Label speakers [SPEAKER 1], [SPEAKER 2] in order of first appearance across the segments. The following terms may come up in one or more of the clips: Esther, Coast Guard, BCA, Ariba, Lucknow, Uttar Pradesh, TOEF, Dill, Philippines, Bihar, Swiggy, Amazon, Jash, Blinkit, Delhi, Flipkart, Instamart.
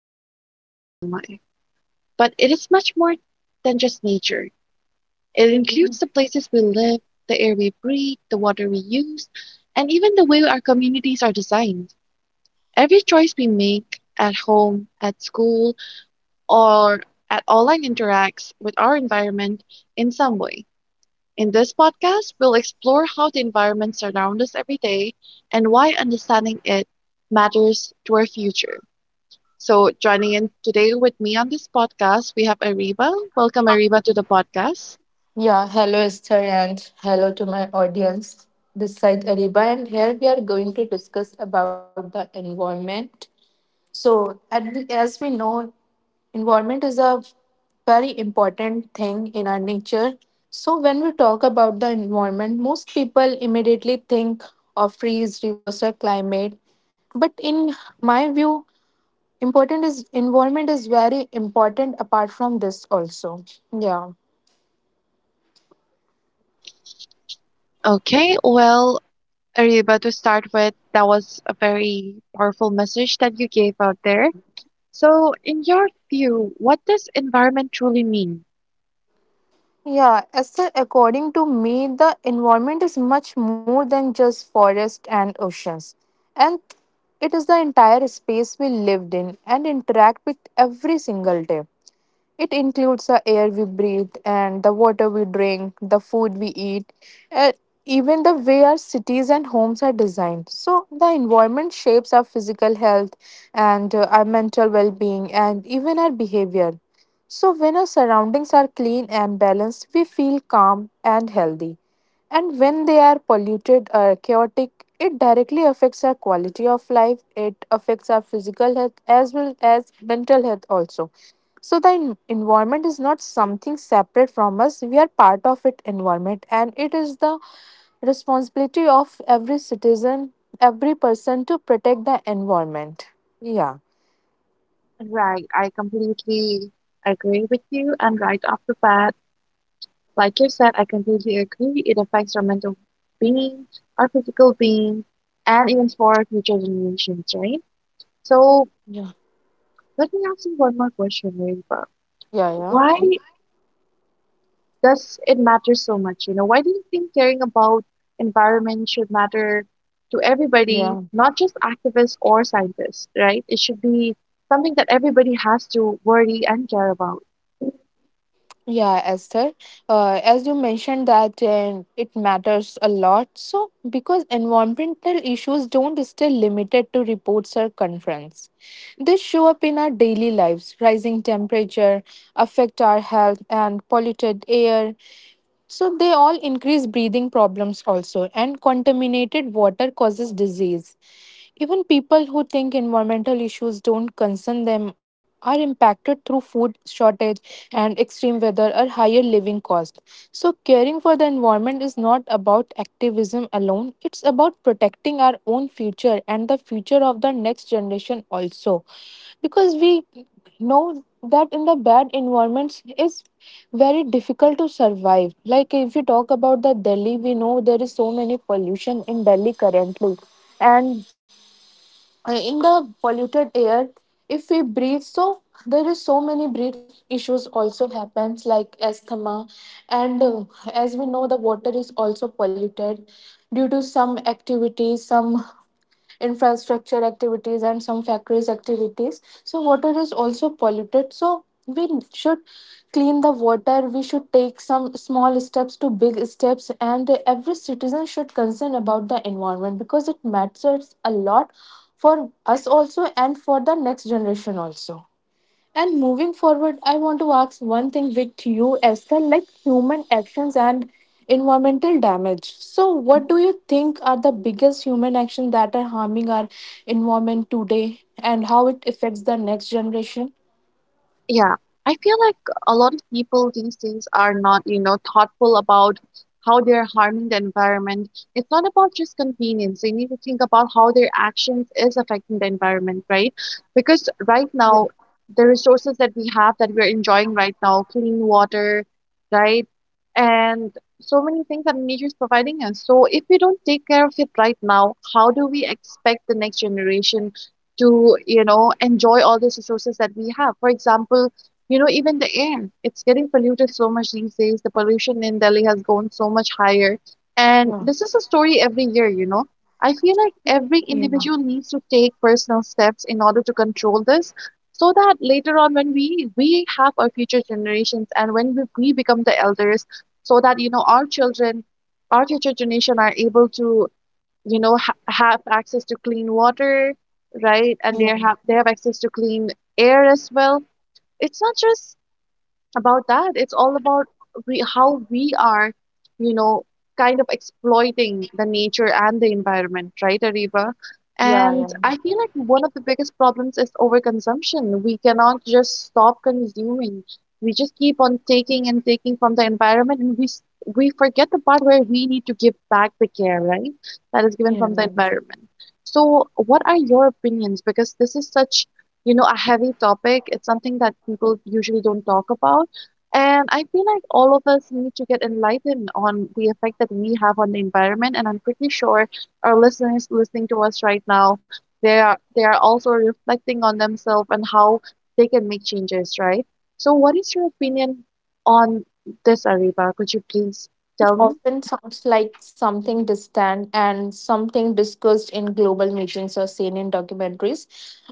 [SPEAKER 1] oceans, and wildlife. But it is much more than just nature. It includes the places we live, the air we breathe, the water we use, and even the way our communities are designed. Every choice we make at home, at school, or at online interacts with our environment in some way. In this podcast, we'll explore how the environment surrounds us every day and why understanding it matters to our future. So, joining in today with me on this podcast, we have Ariba. Welcome, Ariba, to the podcast.
[SPEAKER 2] Yeah, hello Esther and hello to my audience. This side Ariba and here we are going to discuss about the environment. So, as we know, environment is a very important thing in our nature. So, when we talk about the environment, most people immediately think of trees, rivers, or climate. But in my view, important is environment is very important apart from this also. Yeah.
[SPEAKER 1] Okay, well, Ariba, to start with, that was a very powerful message that you gave out there. So, in your view, what does environment truly mean?
[SPEAKER 2] Yeah, according to me, the environment is much more than just forest and oceans. And it is the entire space we lived in and interact with every single day. It includes the air we breathe and the water we drink, the food we eat, and even the way our cities and homes are designed. So, the environment shapes our physical health and our mental well being and even our behavior. So, when our surroundings are clean and balanced, we feel calm and healthy. And when they are polluted or chaotic, it directly affects our quality of life. It affects our physical health as well as mental health also. So the environment is not something separate from us. We are part of it environment and it is the responsibility of every citizen, every person to protect the environment. Yeah.
[SPEAKER 1] Right, I completely agree with you. And right off the bat, like you said, I completely agree. It affects our mental being, our physical being, and even for our future generations, right? So
[SPEAKER 2] Yeah.
[SPEAKER 1] let me ask you one more question, Rainbow.
[SPEAKER 2] Yeah. Yeah.
[SPEAKER 1] Why does it matter so much? Why do you think caring about environment should matter to everybody,
[SPEAKER 2] Yeah.
[SPEAKER 1] not just activists or scientists, right? It should be something that everybody has to worry and care about.
[SPEAKER 2] Yeah, Esther. As you mentioned that it matters a lot. So, because environmental issues don't stay limited to reports or conference, they show up in our daily lives. Rising temperature affect our health and polluted air. So they all increase breathing problems also, and contaminated water causes disease. Even people who think environmental issues don't concern them are impacted through food shortage and extreme weather or higher living costs. So, caring for the environment is not about activism alone, it's about protecting our own future and the future of the next generation also. Because we know that in the bad environments is very difficult to survive, like if you talk about the Delhi, we know there is so many pollution in Delhi currently, and in the polluted air if we breathe, so there is so many breath issues also happens like asthma, and as we know the water is also polluted due to some activities, some infrastructure activities and some factories activities, so water is also polluted, so we should clean the water, we should take some small steps to big steps, and every citizen should concern about the environment because it matters a lot for us also and for the next generation also. And moving forward, I want to ask one thing with you, Esther, like human actions and environmental damage. So what
[SPEAKER 1] Mhm.
[SPEAKER 2] do you think are the biggest human actions that are harming our environment today and how it affects the next generation?
[SPEAKER 1] Yeah, I feel like a lot of people these days are not, thoughtful about how they're harming the environment. It's not about just convenience. They need to think about how their actions is affecting the environment, right? Because right now, the resources that we have that we're enjoying right now, clean water, right? And so many things that nature is providing us. So if we don't take care of it right now, how do we expect the next generation to enjoy all these resources that we have, for example. Even the air, it's getting polluted so much these days. The pollution in Delhi has gone so much higher, and
[SPEAKER 2] Yeah.
[SPEAKER 1] this is a story every year. I feel like every
[SPEAKER 2] Yeah.
[SPEAKER 1] individual needs to take personal steps in order to control this so that later on when we have our future generations, and when we become the elders, so that our children, our future generation, are able to have access to clean water, right? And they
[SPEAKER 2] Yeah.
[SPEAKER 1] have they have access to clean air as well. It's not just about that. It's all about we, how we are, you know, kind of exploiting the nature and the environment, right, Ariba?
[SPEAKER 2] Yeah.
[SPEAKER 1] And I
[SPEAKER 2] Yeah.
[SPEAKER 1] feel like one of the biggest problems is overconsumption. We cannot just stop consuming. We just keep on taking and taking from the environment, and we forget the part where we need to give back the care, right, that is given
[SPEAKER 2] Yeah.
[SPEAKER 1] from the
[SPEAKER 2] Yeah,
[SPEAKER 1] environment. So, what are your opinions? Because this is such, a heavy topic. It's something that people usually don't talk about, and I feel like all of us need to get enlightened on the effect that we have on the environment. And I'm pretty sure our listeners listening to us right now, they are also reflecting on themselves and how they can make changes, right? So what is your opinion on this, Ariba? Could you please tell me?
[SPEAKER 2] often sounds like something distant and something discussed in global meetings or seen in documentaries.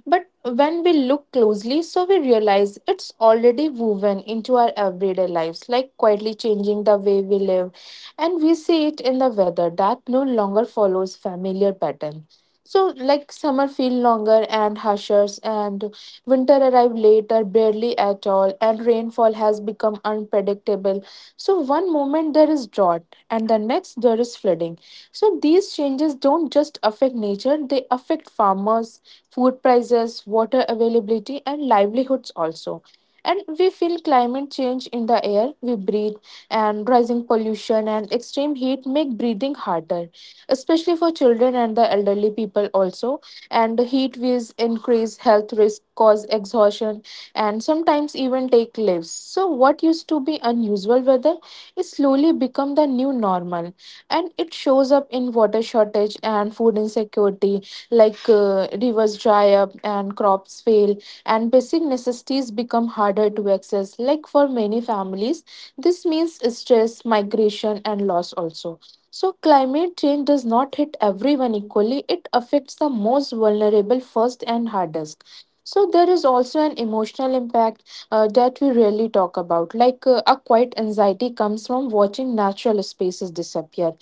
[SPEAKER 2] But when we look closely, so we realize it's already woven into our everyday lives, like quietly changing the way we live. And we see it in the weather that no longer follows familiar pattern. So, like summer feel longer and harsher, and winter arrived later, barely at all, and rainfall has become unpredictable. So, one moment there is drought, and the next there is flooding. So, these changes don't just affect nature; they affect farmers, food prices, water availability, and livelihoods also. And we feel climate change in the air we breathe, and rising pollution and extreme heat make breathing harder, especially for children and the elderly people also. And the heat waves increase health risk, cause exhaustion, and sometimes even take lives. So, what used to be unusual weather is slowly become the new normal, and it shows up in water shortage and food insecurity, like rivers dry up and crops fail, and basic necessities become harder to access. Like for many families, this means stress, migration, and loss also. So, climate change does not hit everyone equally, it affects the most vulnerable first and hardest. So, there is also an emotional impact that we rarely talk about. Like a quiet anxiety comes from watching natural spaces disappear,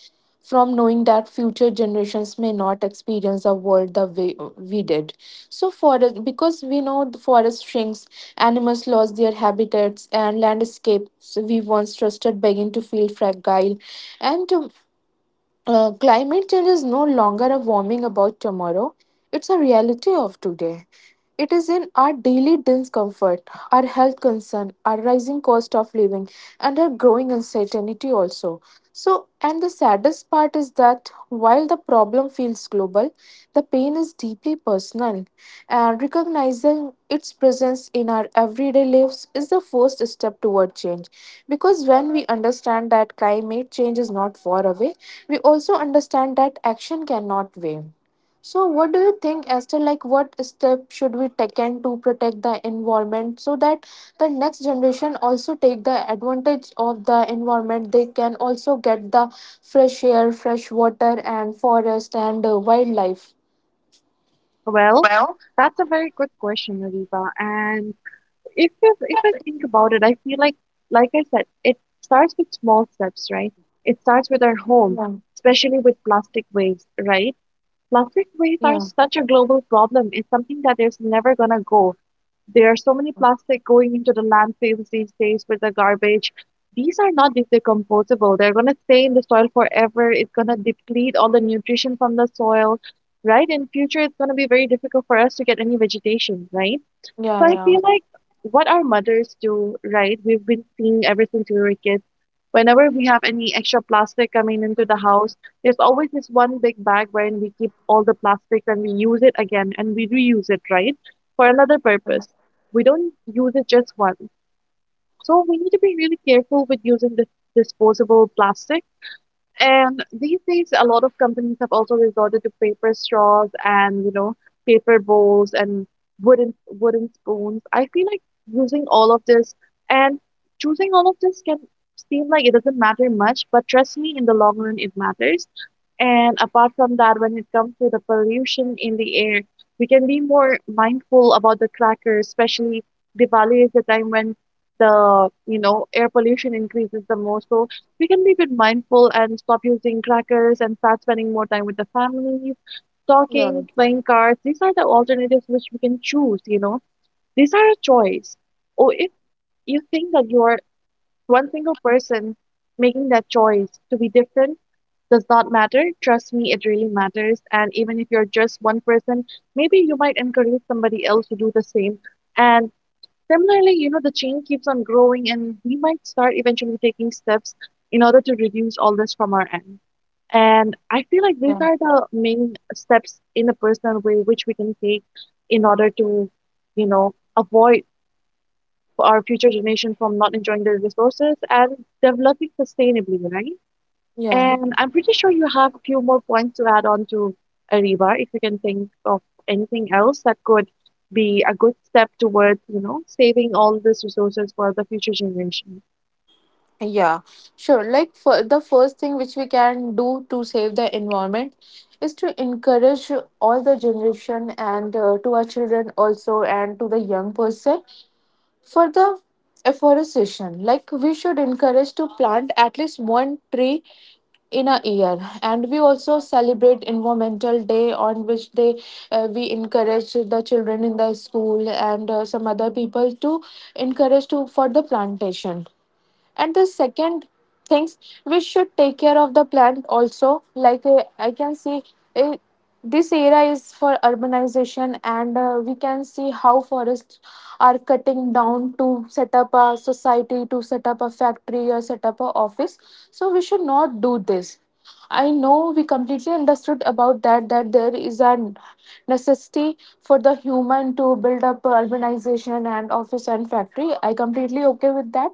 [SPEAKER 2] from knowing that future generations may not experience the world the way we did. So forest, because we know the forest shrinks, animals lost their habitats, and landscapes we once trusted begin to feel fragile. And climate change is no longer a warming about tomorrow, it's a reality of today. It is in our daily discomfort, our health concern, our rising cost of living, and our growing uncertainty also. So, and the saddest part is that while the problem feels global, the pain is deeply personal, and recognizing its presence in our everyday lives is the first step toward change. Because when we understand that climate change is not far away, we also understand that action cannot wait. So, what do you think, Esther? Like, what step should we taken to protect the environment so that the next generation also take the advantage of the environment? They can also get the fresh air, fresh water, and forest and wildlife.
[SPEAKER 1] Well,
[SPEAKER 2] Well,
[SPEAKER 1] that's a very good question, Ariba. And if I think about it, I feel like I said, it starts with small steps, right? It starts with our home,
[SPEAKER 2] yeah,
[SPEAKER 1] especially with plastic waste, right? Plastic waste are
[SPEAKER 2] yeah,
[SPEAKER 1] such a global problem. It's something that is never gonna go. There are so many plastic going into the landfills these days with the garbage. These are not decomposable. They're gonna stay in the soil forever. It's gonna deplete all the nutrition from the soil, right? In future, it's gonna be very difficult for us to get any vegetation, right? So I
[SPEAKER 2] yeah,
[SPEAKER 1] feel like what our mothers do, right? We've been seeing ever since we were kids. Whenever we have any extra plastic coming into the house, there's always this one big bag wherein we keep all the plastics and we use it again, and we reuse it, right? For another
[SPEAKER 2] yeah,
[SPEAKER 1] purpose. We don't use it just once. So we need to be really careful with using this disposable plastic. And these days, a lot of companies have also resorted to paper straws and, paper bowls and wooden spoons. I feel like using all of this and choosing all of this can seem like it doesn't matter much, but trust me, in the long run, it matters. And apart from that, when it comes to the pollution in the air, we can be more mindful about the crackers. Especially Diwali is the time when the, air pollution increases the most. So we can be a bit mindful and stop using crackers and start spending more time with the family,
[SPEAKER 2] yeah,
[SPEAKER 1] talking, playing cards. These are the alternatives which we can choose. These are a choice. Or if you think that you are one single person making that choice to be different, does not matter. Trust me, it really matters. And even if you're just one person, maybe you might encourage somebody else to do the same. And similarly, the chain keeps on growing, and we might start eventually taking steps in order to reduce all this from our end. And I feel like
[SPEAKER 2] yeah,
[SPEAKER 1] these are the main steps in a personal way which we can take in order to, avoid our future generation from not enjoying their resources and developing sustainably, right?
[SPEAKER 2] yeah.
[SPEAKER 1] And I'm pretty sure you have a few more points to add on to Arriva, if you can think of anything else that could be a good step towards, saving all these resources for the future generation.
[SPEAKER 2] Yeah, sure. Like for the first thing which we can do to save the environment is to encourage all the generation and to our children also and to the young person for the afforestation. Like we should encourage to plant at least one tree in a year, and we also celebrate environmental day, on which day we encourage the children in the school and some other people to encourage to for the plantation. And the second things, we should take care of the plant also, like I can see uh, this era is for urbanization, and we can see how forests are cutting down to set up a society, to set up a factory, or set up a office. So we should not do this. I know we completely understood about that, that there is an necessity for the human to build up urbanization and office and factory. I completely okay with that.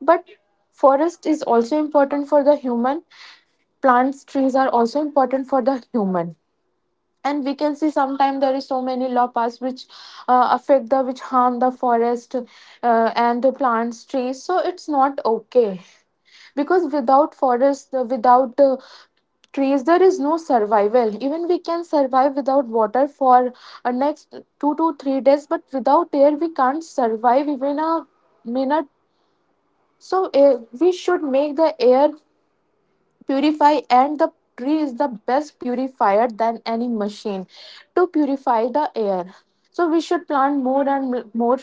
[SPEAKER 2] But forest is also important for the human. Plants, trees are also important for the human, and we can see sometimes there is so many law which affect the which harm the forest, and the plants trees, so it's not okay. Because without forest, without trees there is no survival. Even we can survive without water for next 2 to 3 days, but without air we can't survive even a minute. So air, we should make the air purify, and the tree is the best purifier than any machine to purify the air. So we should plant more and more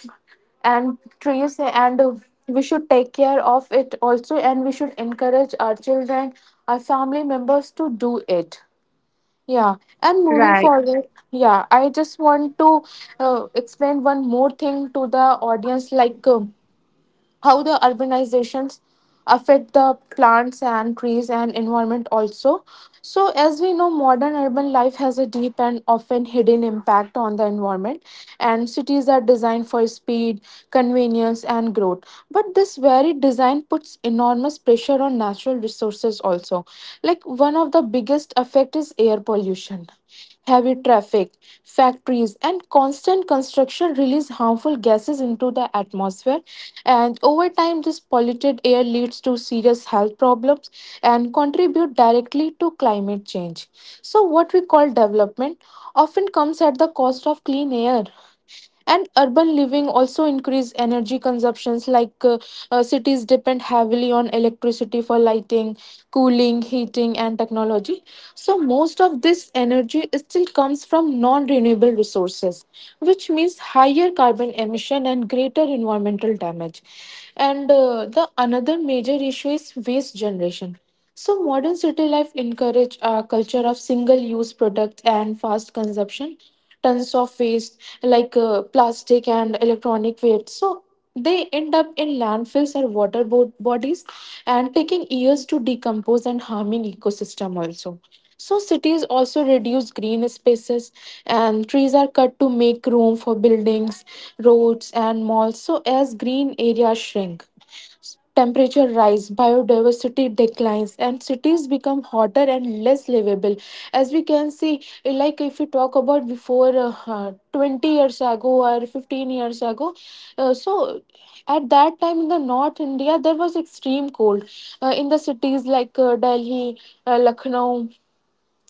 [SPEAKER 2] and trees, and we should take care of it also, and we should encourage our children, our family members to do it. Yeah. And moving
[SPEAKER 1] Right.
[SPEAKER 2] forward, yeah, I just want to explain one more thing to the audience, like how the urbanizations affect the plants and trees and environment also. So as we know, modern urban life has a deep and often hidden impact on the environment, and cities are designed for speed, convenience and growth, but this very design puts enormous pressure on natural resources also. Like one of the biggest effect is air pollution. Heavy traffic, factories, and constant construction release harmful gases into the atmosphere. And over time, this polluted air leads to serious health problems and contribute directly to climate change. So, what we call development often comes at the cost of clean air. And urban living also increase energy consumptions, like cities depend heavily on electricity for lighting, cooling, heating and technology. So most of this energy still comes from non renewable resources, which means higher carbon emission and greater environmental damage. And the another major issue is waste generation. So modern city life encourage a culture of single-use products and fast consumption, tons of waste like plastic and electronic waste. So they end up in landfills or water bodies, and taking years to decompose and harming ecosystem also. So cities also reduce green spaces, and trees are cut to make room for buildings, roads and malls. So as green areas shrink, temperature rise, biodiversity declines, and cities become hotter and less livable. As we can see, like if we talk about before 20 years ago or 15 years ago, uh, so at that time in the North India, there was extreme cold in the cities like Delhi, Lucknow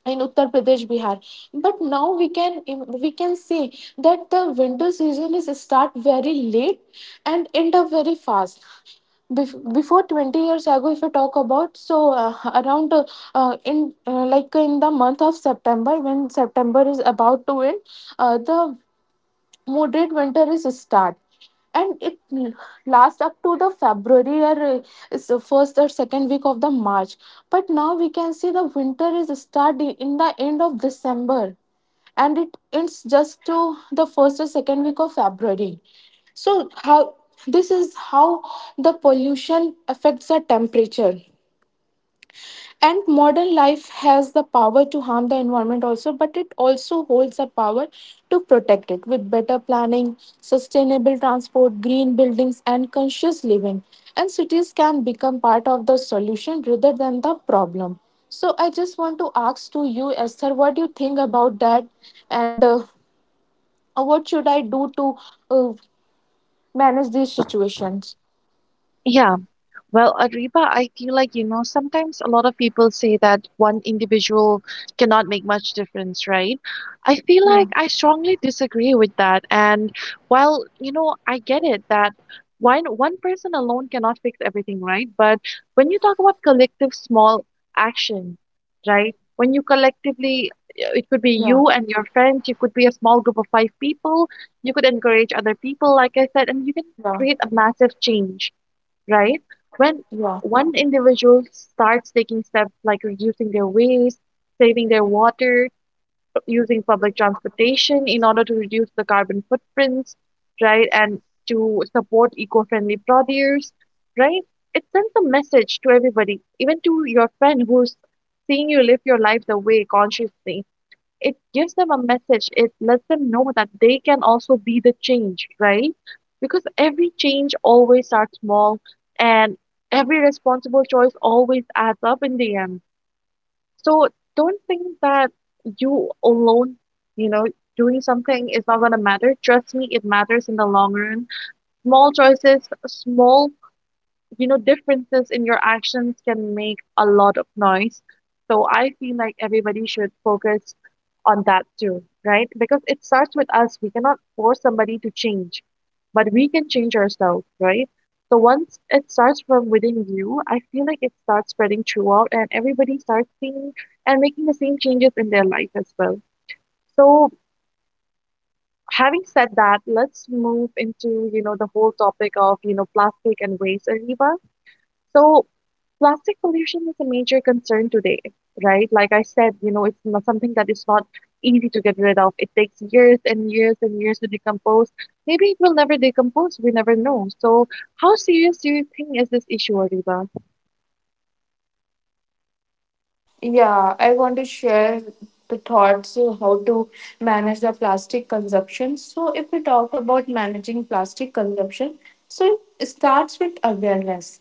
[SPEAKER 2] in uttar pradesh bihar. But now we can see that the winter season is start very late and end up very fast. Before 20 years ago, if we talk about, so around in like in the month of september, when september is about to end, the moderate winter is start and it lasts up to the february, or is the first or second week of the march. But now we can see the winter is starting in the end of december and it ends just to the first or second week of february. So how this is how the pollution affects the temperature. And modern life has the power to harm the environment also, but it also holds the power to protect it with better planning, sustainable transport, green buildings, and conscious living. And cities can become part of the solution rather than the problem. So I just want to ask to you, esther, what do you think about that? And what should I do to uh, manage these situations?
[SPEAKER 1] Yeah. Well, Ariba, I feel like, sometimes a lot of people say that one individual cannot make much difference, right? I feel
[SPEAKER 2] Yeah.
[SPEAKER 1] like I strongly disagree with that. And while, I get it that one person alone cannot fix everything, right? But when you talk about collective small action, right? When you collectively, it could be
[SPEAKER 2] Yeah.
[SPEAKER 1] you and your friends, you could be a small group of 5 people, you could encourage other people, like I said, and you can
[SPEAKER 2] Yeah.
[SPEAKER 1] create a massive change, right? When
[SPEAKER 2] Yeah.
[SPEAKER 1] one individual starts taking steps like reducing their waste, saving their water, using public transportation in order to reduce the carbon footprints, right? And to support eco friendly produce, right? It sends a message to everybody, even to your friend who's seeing you live your life the way consciously, it gives them a message. It lets them know that they can also be the change, right? Because every change always starts small and every responsible choice always adds up in the end. So don't think that you alone, you know, doing something is not going to matter. Trust me, it matters in the long run. Small choices, small, differences in your actions can make a lot of noise. So I feel like everybody should focus on that too, right? Because it starts with us. We cannot force somebody to change, but we can change ourselves, right? So once it starts from within you, I feel like it starts spreading throughout, and everybody starts seeing and making the same changes in their life as well. So having said that, let's move into, the whole topic of, plastic and waste, Ariba. So plastic pollution is a major concern today, right? Like I said, it's not something that is not easy to get rid of. It takes years and years and years to decompose. Maybe it will never decompose. We never know. So, how serious do you think is this issue, Ariba?
[SPEAKER 2] Yeah, I want to share the thoughts of how to manage the plastic consumption. So, if we talk about managing plastic consumption, so it starts with awareness.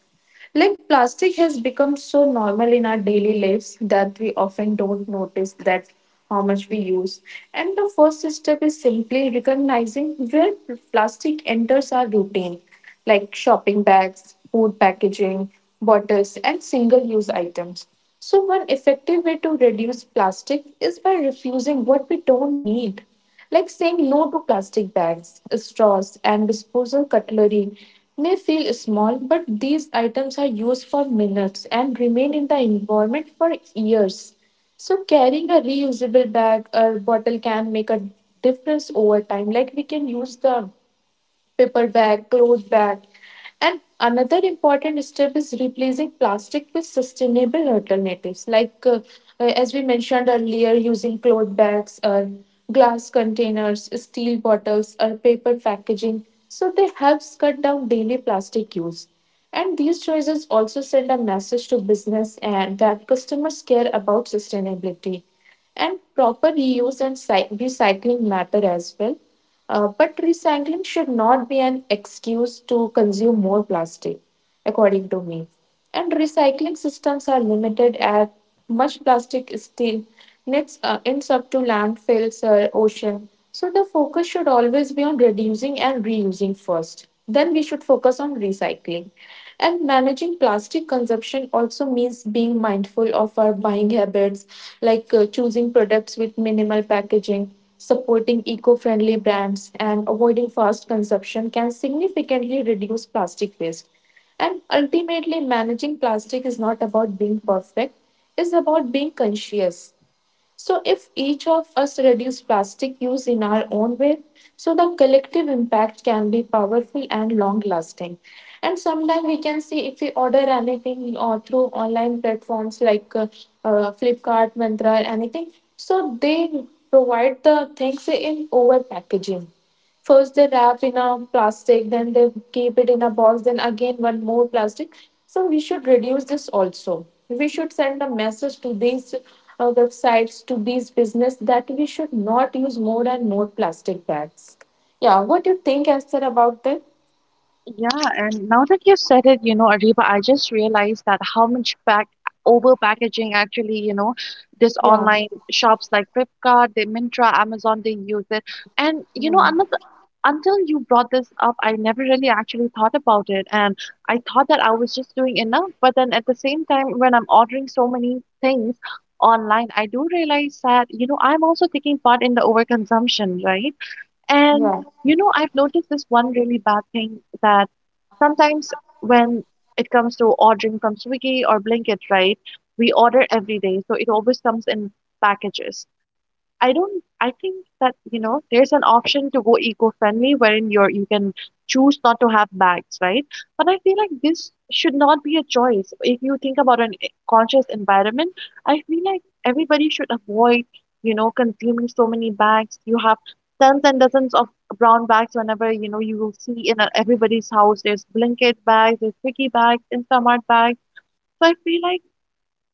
[SPEAKER 2] Like plastic has become so normal in our daily lives that we often don't notice that how much we use. And the first step is simply recognizing where plastic enters our routine, like shopping bags, food packaging, bottles, and single use items. So, one effective way to reduce plastic is by refusing what we don't need, like saying no to plastic bags, straws, and disposal cutlery. May feel small, but these items are used for minutes and remain in the environment for years. So, carrying a reusable bag or bottle can make a difference over time. Like, we can use the paper bag, cloth bag. And another important step is replacing plastic with sustainable alternatives, like as we mentioned earlier, using cloth bags or glass containers, steel bottles, or paper packaging. So they helps cut down daily plastic use. And these choices also send a message to business and that customers care about sustainability. And proper reuse and recycling matter as well, but recycling should not be an excuse to consume more plastic, according to me. And recycling systems are limited at much plastic still ends up to landfills or ocean. So the focus should always be on reducing and reusing first. Then we should focus on recycling. And managing plastic consumption also means being mindful of our buying habits, like choosing products with minimal packaging, supporting eco friendly brands, and avoiding fast consumption can significantly reduce plastic waste. And ultimately, managing plastic is not about being perfect, it's about being conscious. So, if each of us reduce plastic use in our own way, so the collective impact can be powerful and long lasting. And sometimes we can see if we order anything or through online platforms like Flipkart, Mantra, anything, so they provide the things in over packaging. First they wrap in a plastic, then they keep it in a box, then again one more plastic. So we should reduce this also. We should send a message to these websites, to these business that we should not use more and more plastic bags. Yeah, what do you think, Esther, about that?
[SPEAKER 1] Yeah, and now that you said it, Ariba, I just realized that how much back over packaging actually, this
[SPEAKER 2] Yeah,
[SPEAKER 1] online shops like Flipkart, they Mintra, Amazon, they use it. And another, until you brought this up, I never really actually thought about it. And I thought that I was just doing enough, but then at the same time, when I'm ordering so many things online, I do realize that, I'm also taking part in the overconsumption, right? And
[SPEAKER 2] yeah,
[SPEAKER 1] I've noticed this one really bad thing that sometimes when it comes to ordering from Swiggy or Blinkit, right, we order every day, so it always comes in packages. I don't I think that, there's an option to go eco-friendly wherein you can choose not to have bags, right? But I feel like this should not be a choice. If you think about an conscious environment, I feel like everybody should avoid, consuming so many bags. You have tons and dozens of brown bags whenever, you know, you will see in everybody's house. There's blanket bags, there's sticky bags, Instamart bags. So I feel like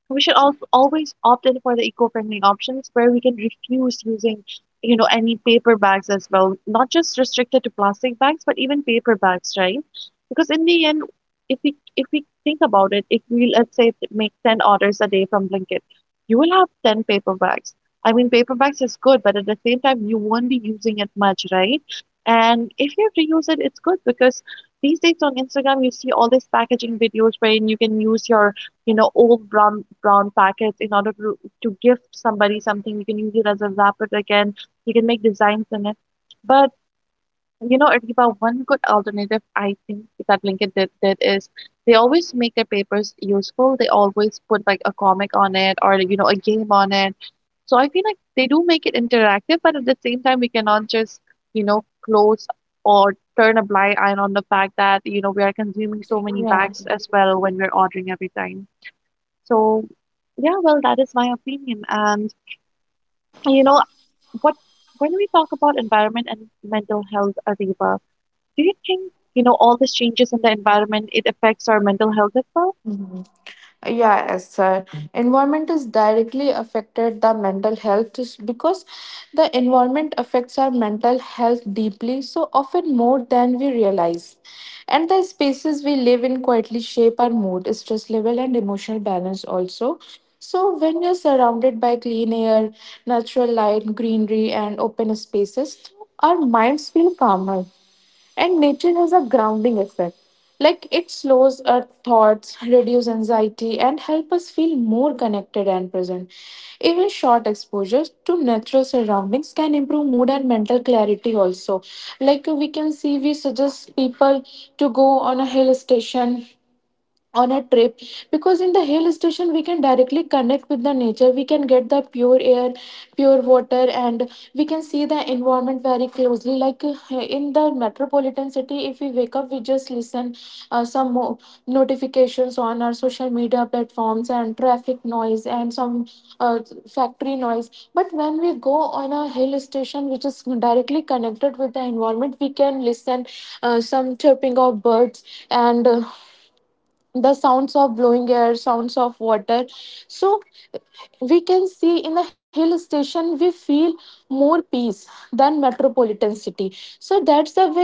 [SPEAKER 1] we should al always opt in for the eco-friendly options where we can refuse using, you know, any paper bags as well. Not just restricted to plastic bags, but even paper bags, right? Because in the end, if we think about it, if we let's say make 10 orders a day from Blinkit, you will have 10 paper bags. I mean, paper bags is good, but at the same time, you won't be using it much, right? And if you have to use it, it's good because these days on Instagram, you see all these packaging videos wherein you can use your you know old brown packets in order to gift somebody something. You can use it as a wrapper again, you can make designs in it. But you know, Adiba, one good alternative I think that Blinkit did is they always make their papers useful. They always put like a comic on it or, you know, a game on it. So I feel like they do make it interactive, but at the same time, we cannot just, you know, close or turn a blind eye on the fact that, you know, we are consuming so many
[SPEAKER 2] yeah.
[SPEAKER 1] bags as well when we're ordering every time. So, yeah, well, that is my opinion. And you know what? When we talk about environment and mental health, Ariba, do you think, you know, all these changes in the environment, it affects our mental health as well?
[SPEAKER 2] Hmm. Yeah, as sir, environment is directly affected the mental health is because the environment affects our mental health deeply, so often more than we realize. And the spaces we live in quietly shape our mood, stress level, and emotional balance also. So when you're surrounded by clean air, natural light, greenery, and open spaces, our minds feel calmer. And nature has a grounding effect. Like it slows our thoughts, reduces anxiety, and help us feel more connected and present. Even short exposures to natural surroundings can improve mood and mental clarity also. Like we can see, we suggest people to go on a hill station, on a trip, because in the hill station we can directly connect with the nature. We can get the pure air, pure water, and we can see the environment very closely. Like in the metropolitan city, if we wake up we just listen uh, some mo- notifications on our social media platforms and traffic noise, and some uh, factory noise. But when we go on a hill station which is directly connected with the environment, we can listen some chirping of birds, and the sounds of blowing air, sounds of water. So we can see in a hill station we feel more peace than metropolitan city. So that's the way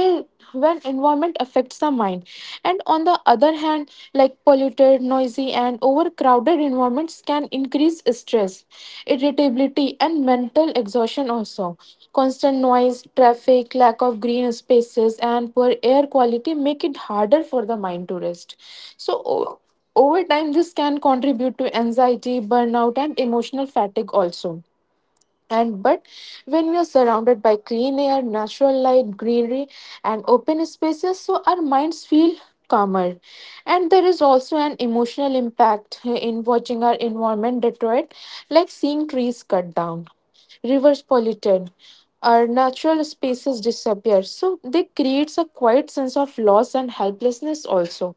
[SPEAKER 2] when environment affects the mind. And on the other hand, like polluted, noisy, and overcrowded environment performance can increase stress, irritability, and mental exhaustion also. Constant noise, traffic, lack of green spaces, and poor air quality make it harder for the mind to rest. So, over time, this can contribute to anxiety, burnout, and emotional fatigue also. And but when we are surrounded by clean air, natural light, greenery, and open spaces, so our minds feel calmer. And there is also an emotional impact in watching our environment deteriorate, like seeing trees cut down, rivers polluted, our natural spaces disappear. So they creates a quiet sense of loss and helplessness also.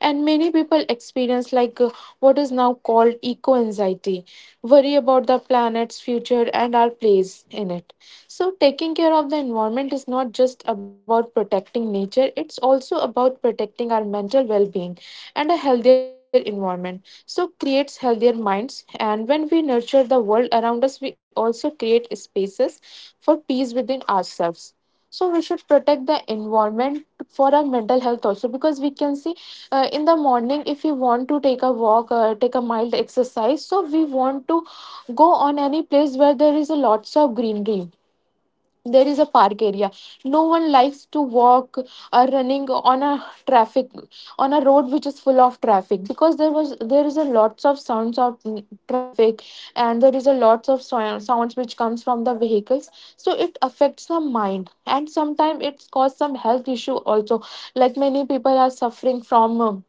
[SPEAKER 2] And many people experience like what is now called eco anxiety, worry about the planet's future and our place in it. So taking care of the environment is not just about protecting nature, it's also about protecting our mental well being. And a healthier environment, so, creates healthier minds. And when we nurture the world around us, we also create spaces for peace within ourselves. So, we should protect the environment for our mental health also, because we can see in the morning, if we want to take a walk or take a mild exercise, so we want to go on any place where there is a lots of greenery, there is a park area. No one likes to walk or running on a traffic, on a road which is full of traffic, because there is a lots of sounds of traffic, and there is a lots of sounds which comes from the vehicles. So it affects the mind, and sometimes it's cause some health issue also. Like many people are suffering from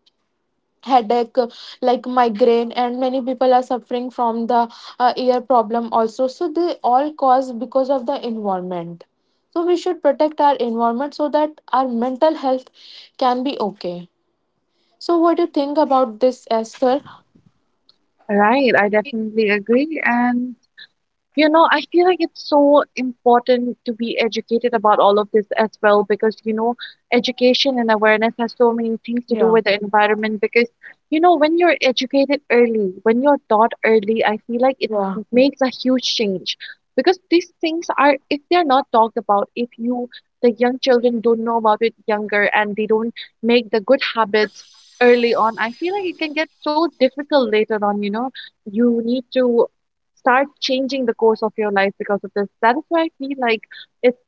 [SPEAKER 2] headache, like migraine, and many people are suffering from the ear problem also. So they all cause because of the environment. So we should protect our environment so that our mental health can be okay. So what do you think about this, esther?
[SPEAKER 1] Right, I definitely agree. And you know, I feel like it's so important to be educated about all of this as well because, you know, education and awareness has so many things
[SPEAKER 2] Yeah.
[SPEAKER 1] to do with the environment. Because, you know, when you're educated early, when you're taught early, I feel like it
[SPEAKER 2] Yeah.
[SPEAKER 1] makes a huge change. Because these things are, if they're not talked about, if you, the young children don't know about it younger and they don't make the good habits early on, I feel like it can get so difficult later on. You know, you need to start changing the course of your life because of this. That is why I feel like it's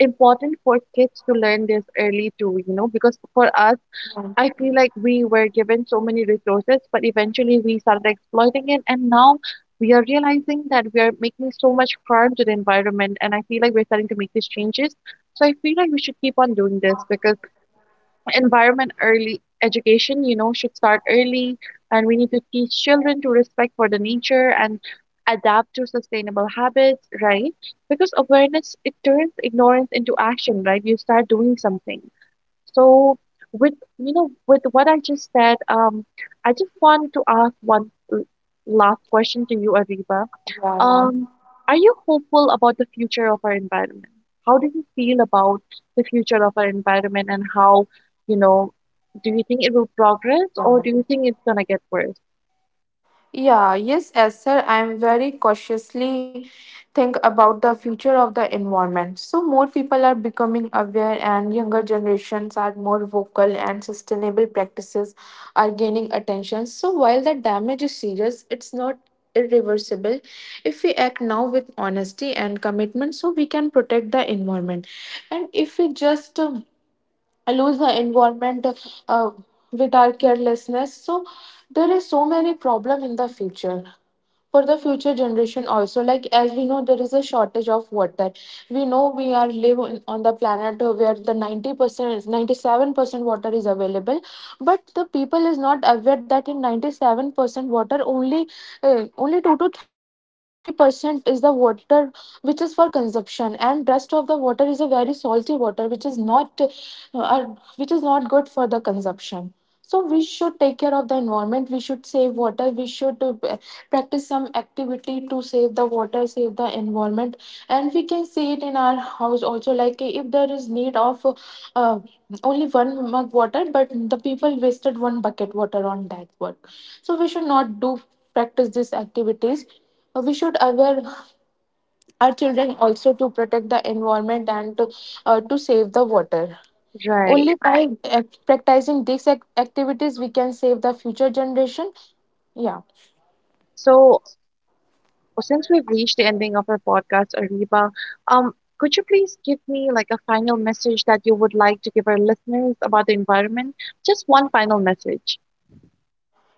[SPEAKER 1] important for kids to learn this early too, you know, because for us,
[SPEAKER 2] Yeah.
[SPEAKER 1] I feel like we were given so many resources, but eventually we started exploiting it. And now we are realizing that we are making so much harm to the environment. And I feel like we're starting to make these changes. So I feel like we should keep on doing this because environment early education, you know, should start early, and we need to teach children to respect for the nature and adapt to sustainable habits, right? Because awareness, it turns ignorance into action, right? You start doing something. So, with, you know, with what I just said, I just want to ask one last question to you, Aviva.
[SPEAKER 2] Yeah,
[SPEAKER 1] Um, are you hopeful about the future of our environment? How do you feel about the future of our environment, and how, you know, do you think it will progress or
[SPEAKER 2] yeah.
[SPEAKER 1] do you think it's gonna get worse?
[SPEAKER 2] Yeah, yes, as sir, I'm very cautiously think about the future of the environment. So more people are becoming aware, and younger generations are more vocal, and sustainable practices are gaining attention. So while the damage is serious, it's not irreversible if we act now with honesty and commitment, so we can protect the environment. And if we just lose the environment uh, with our carelessness. So there is so many problem in the future for the future generation also, like as we know there is a shortage of water. We know we are live on the planet where the 90% 97% water is available, but the people is not aware that in 97% water only, only 2 to 3% is the water which is for consumption, and rest of the water is a very salty water which is not which is not good for the consumption. So we should take care of the environment, we should save water, we should practice some activity to save the water, save the environment. And we can see it in our house also, like if there is need of uh, only one mug water but the people wasted one bucket water on that work. So we should not do practice these activities. We should aware our children also to protect the environment and to save the water. Only
[SPEAKER 1] Right.
[SPEAKER 2] by practicing these activities we can save the future generation. Yeah.
[SPEAKER 1] So, well, since we've reached the ending of our podcast, Ariba, could you please give me like a final message that you would like to give our listeners about the environment? Just one final message.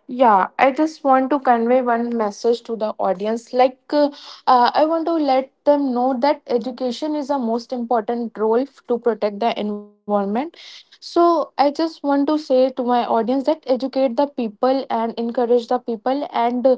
[SPEAKER 2] Yeah, I just want to convey one message to the audience. I want to let them know that education is a most important role to protect the environment. So, I just want to say to my audience that educate the people and encourage the people, and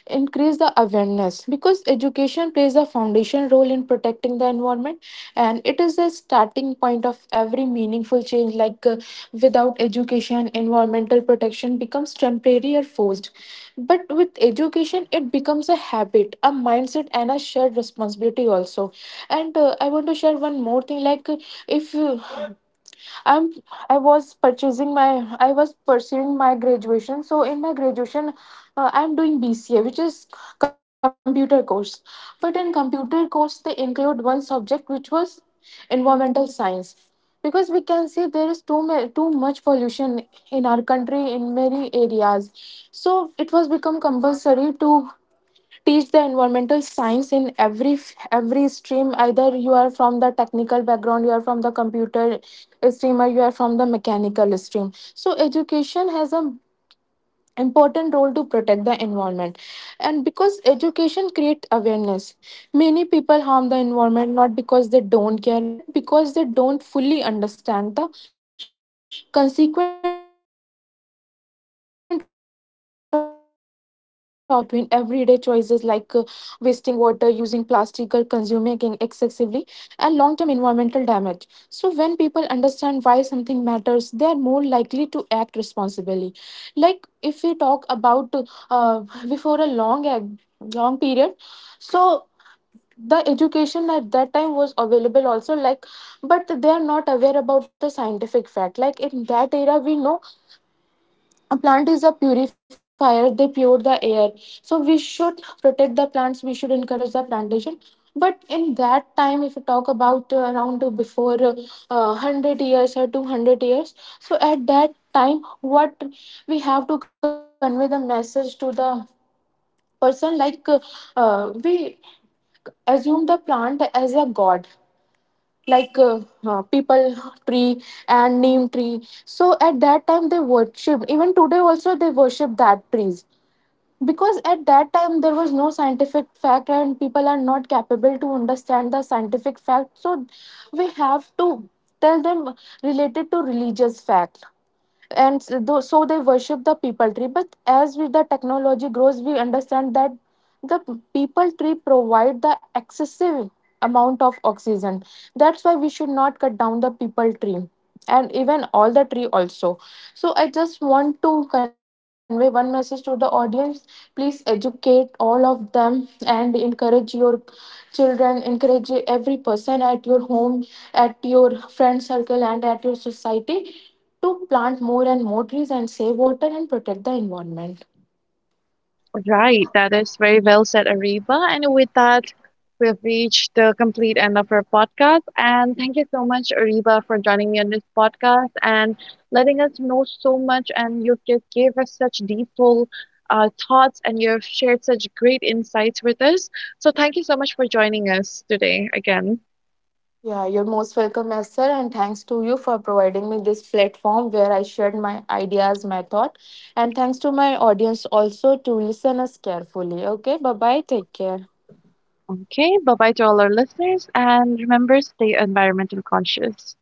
[SPEAKER 2] increase the awareness, because education plays a foundation role in protecting the environment, and it is a starting point of every meaningful change. Like without education, environmental protection becomes temporary or forced. But with education, it becomes a habit, a mindset, and a shared responsibility also. And I want to share one more thing. Like, uh, if uh, i'm i was purchasing my I was pursuing my graduation, so in my graduation, I'm doing bca, which is computer course. But in computer course they include one subject, which was environmental science, because we can see there is too much pollution in our country in many areas. So it was become compulsory to teach the environmental science in every stream, either you are from the technical background, you are from the computer stream, or you are from the mechanical stream. So education has a important role to protect the environment, and because education creates awareness. Many people harm the environment not because they don't care, but because they don't fully understand the consequence of their actions. Like educations help people see the connection between everyday choices, like wasting water, using plastic, or consuming excessively, and long term environmental damage. So when people understand why something matters, they are more likely to act responsibly. Like if we talk about uh, before a long period, so the education at that time was available also, like. But they are not aware about the scientific fact. Like in that era we know a plant is a purifier, they pure the air, so we should protect the plants, we should encourage the plantation. But in that time, if you talk about around before 100 years or 200 years, so at that time what we have to convey the message to the person, like we assume the plant as a god. Like people tree and neem tree, so at that time they worshiped, even today also they worship that trees, because at that time there was no scientific fact and people are not capable to understand the scientific fact. So we have to tell them related to religious fact, so they worship the people tree. But as with the technology grows, we understand that people tree provide the excessive amount of oxygen, that's why we should not cut down the people tree, and even all the tree also. So I just want to convey one message to the audience: please educate all of them, and encourage your children, encourage every person at your home, at your friend circle, and at your society, to plant more and more trees, and save water, and protect the environment.
[SPEAKER 1] Right, that is very well said, Ariba. And with that, we have reached the complete end of our podcast. And thank you so much, Ariba, for joining me on this podcast and letting us know so much. And you just gave us such deep thoughts, and you have shared such great insights with us. So thank you so much for joining us today again.
[SPEAKER 2] Yeah, you're most welcome, esther, and thanks to you for providing me this platform where I shared my ideas, my thought, and thanks to my audience also to listen us carefully. Okay, bye bye, take care.
[SPEAKER 1] Okay, bye bye to all our listeners. And remember, stay environmental conscious.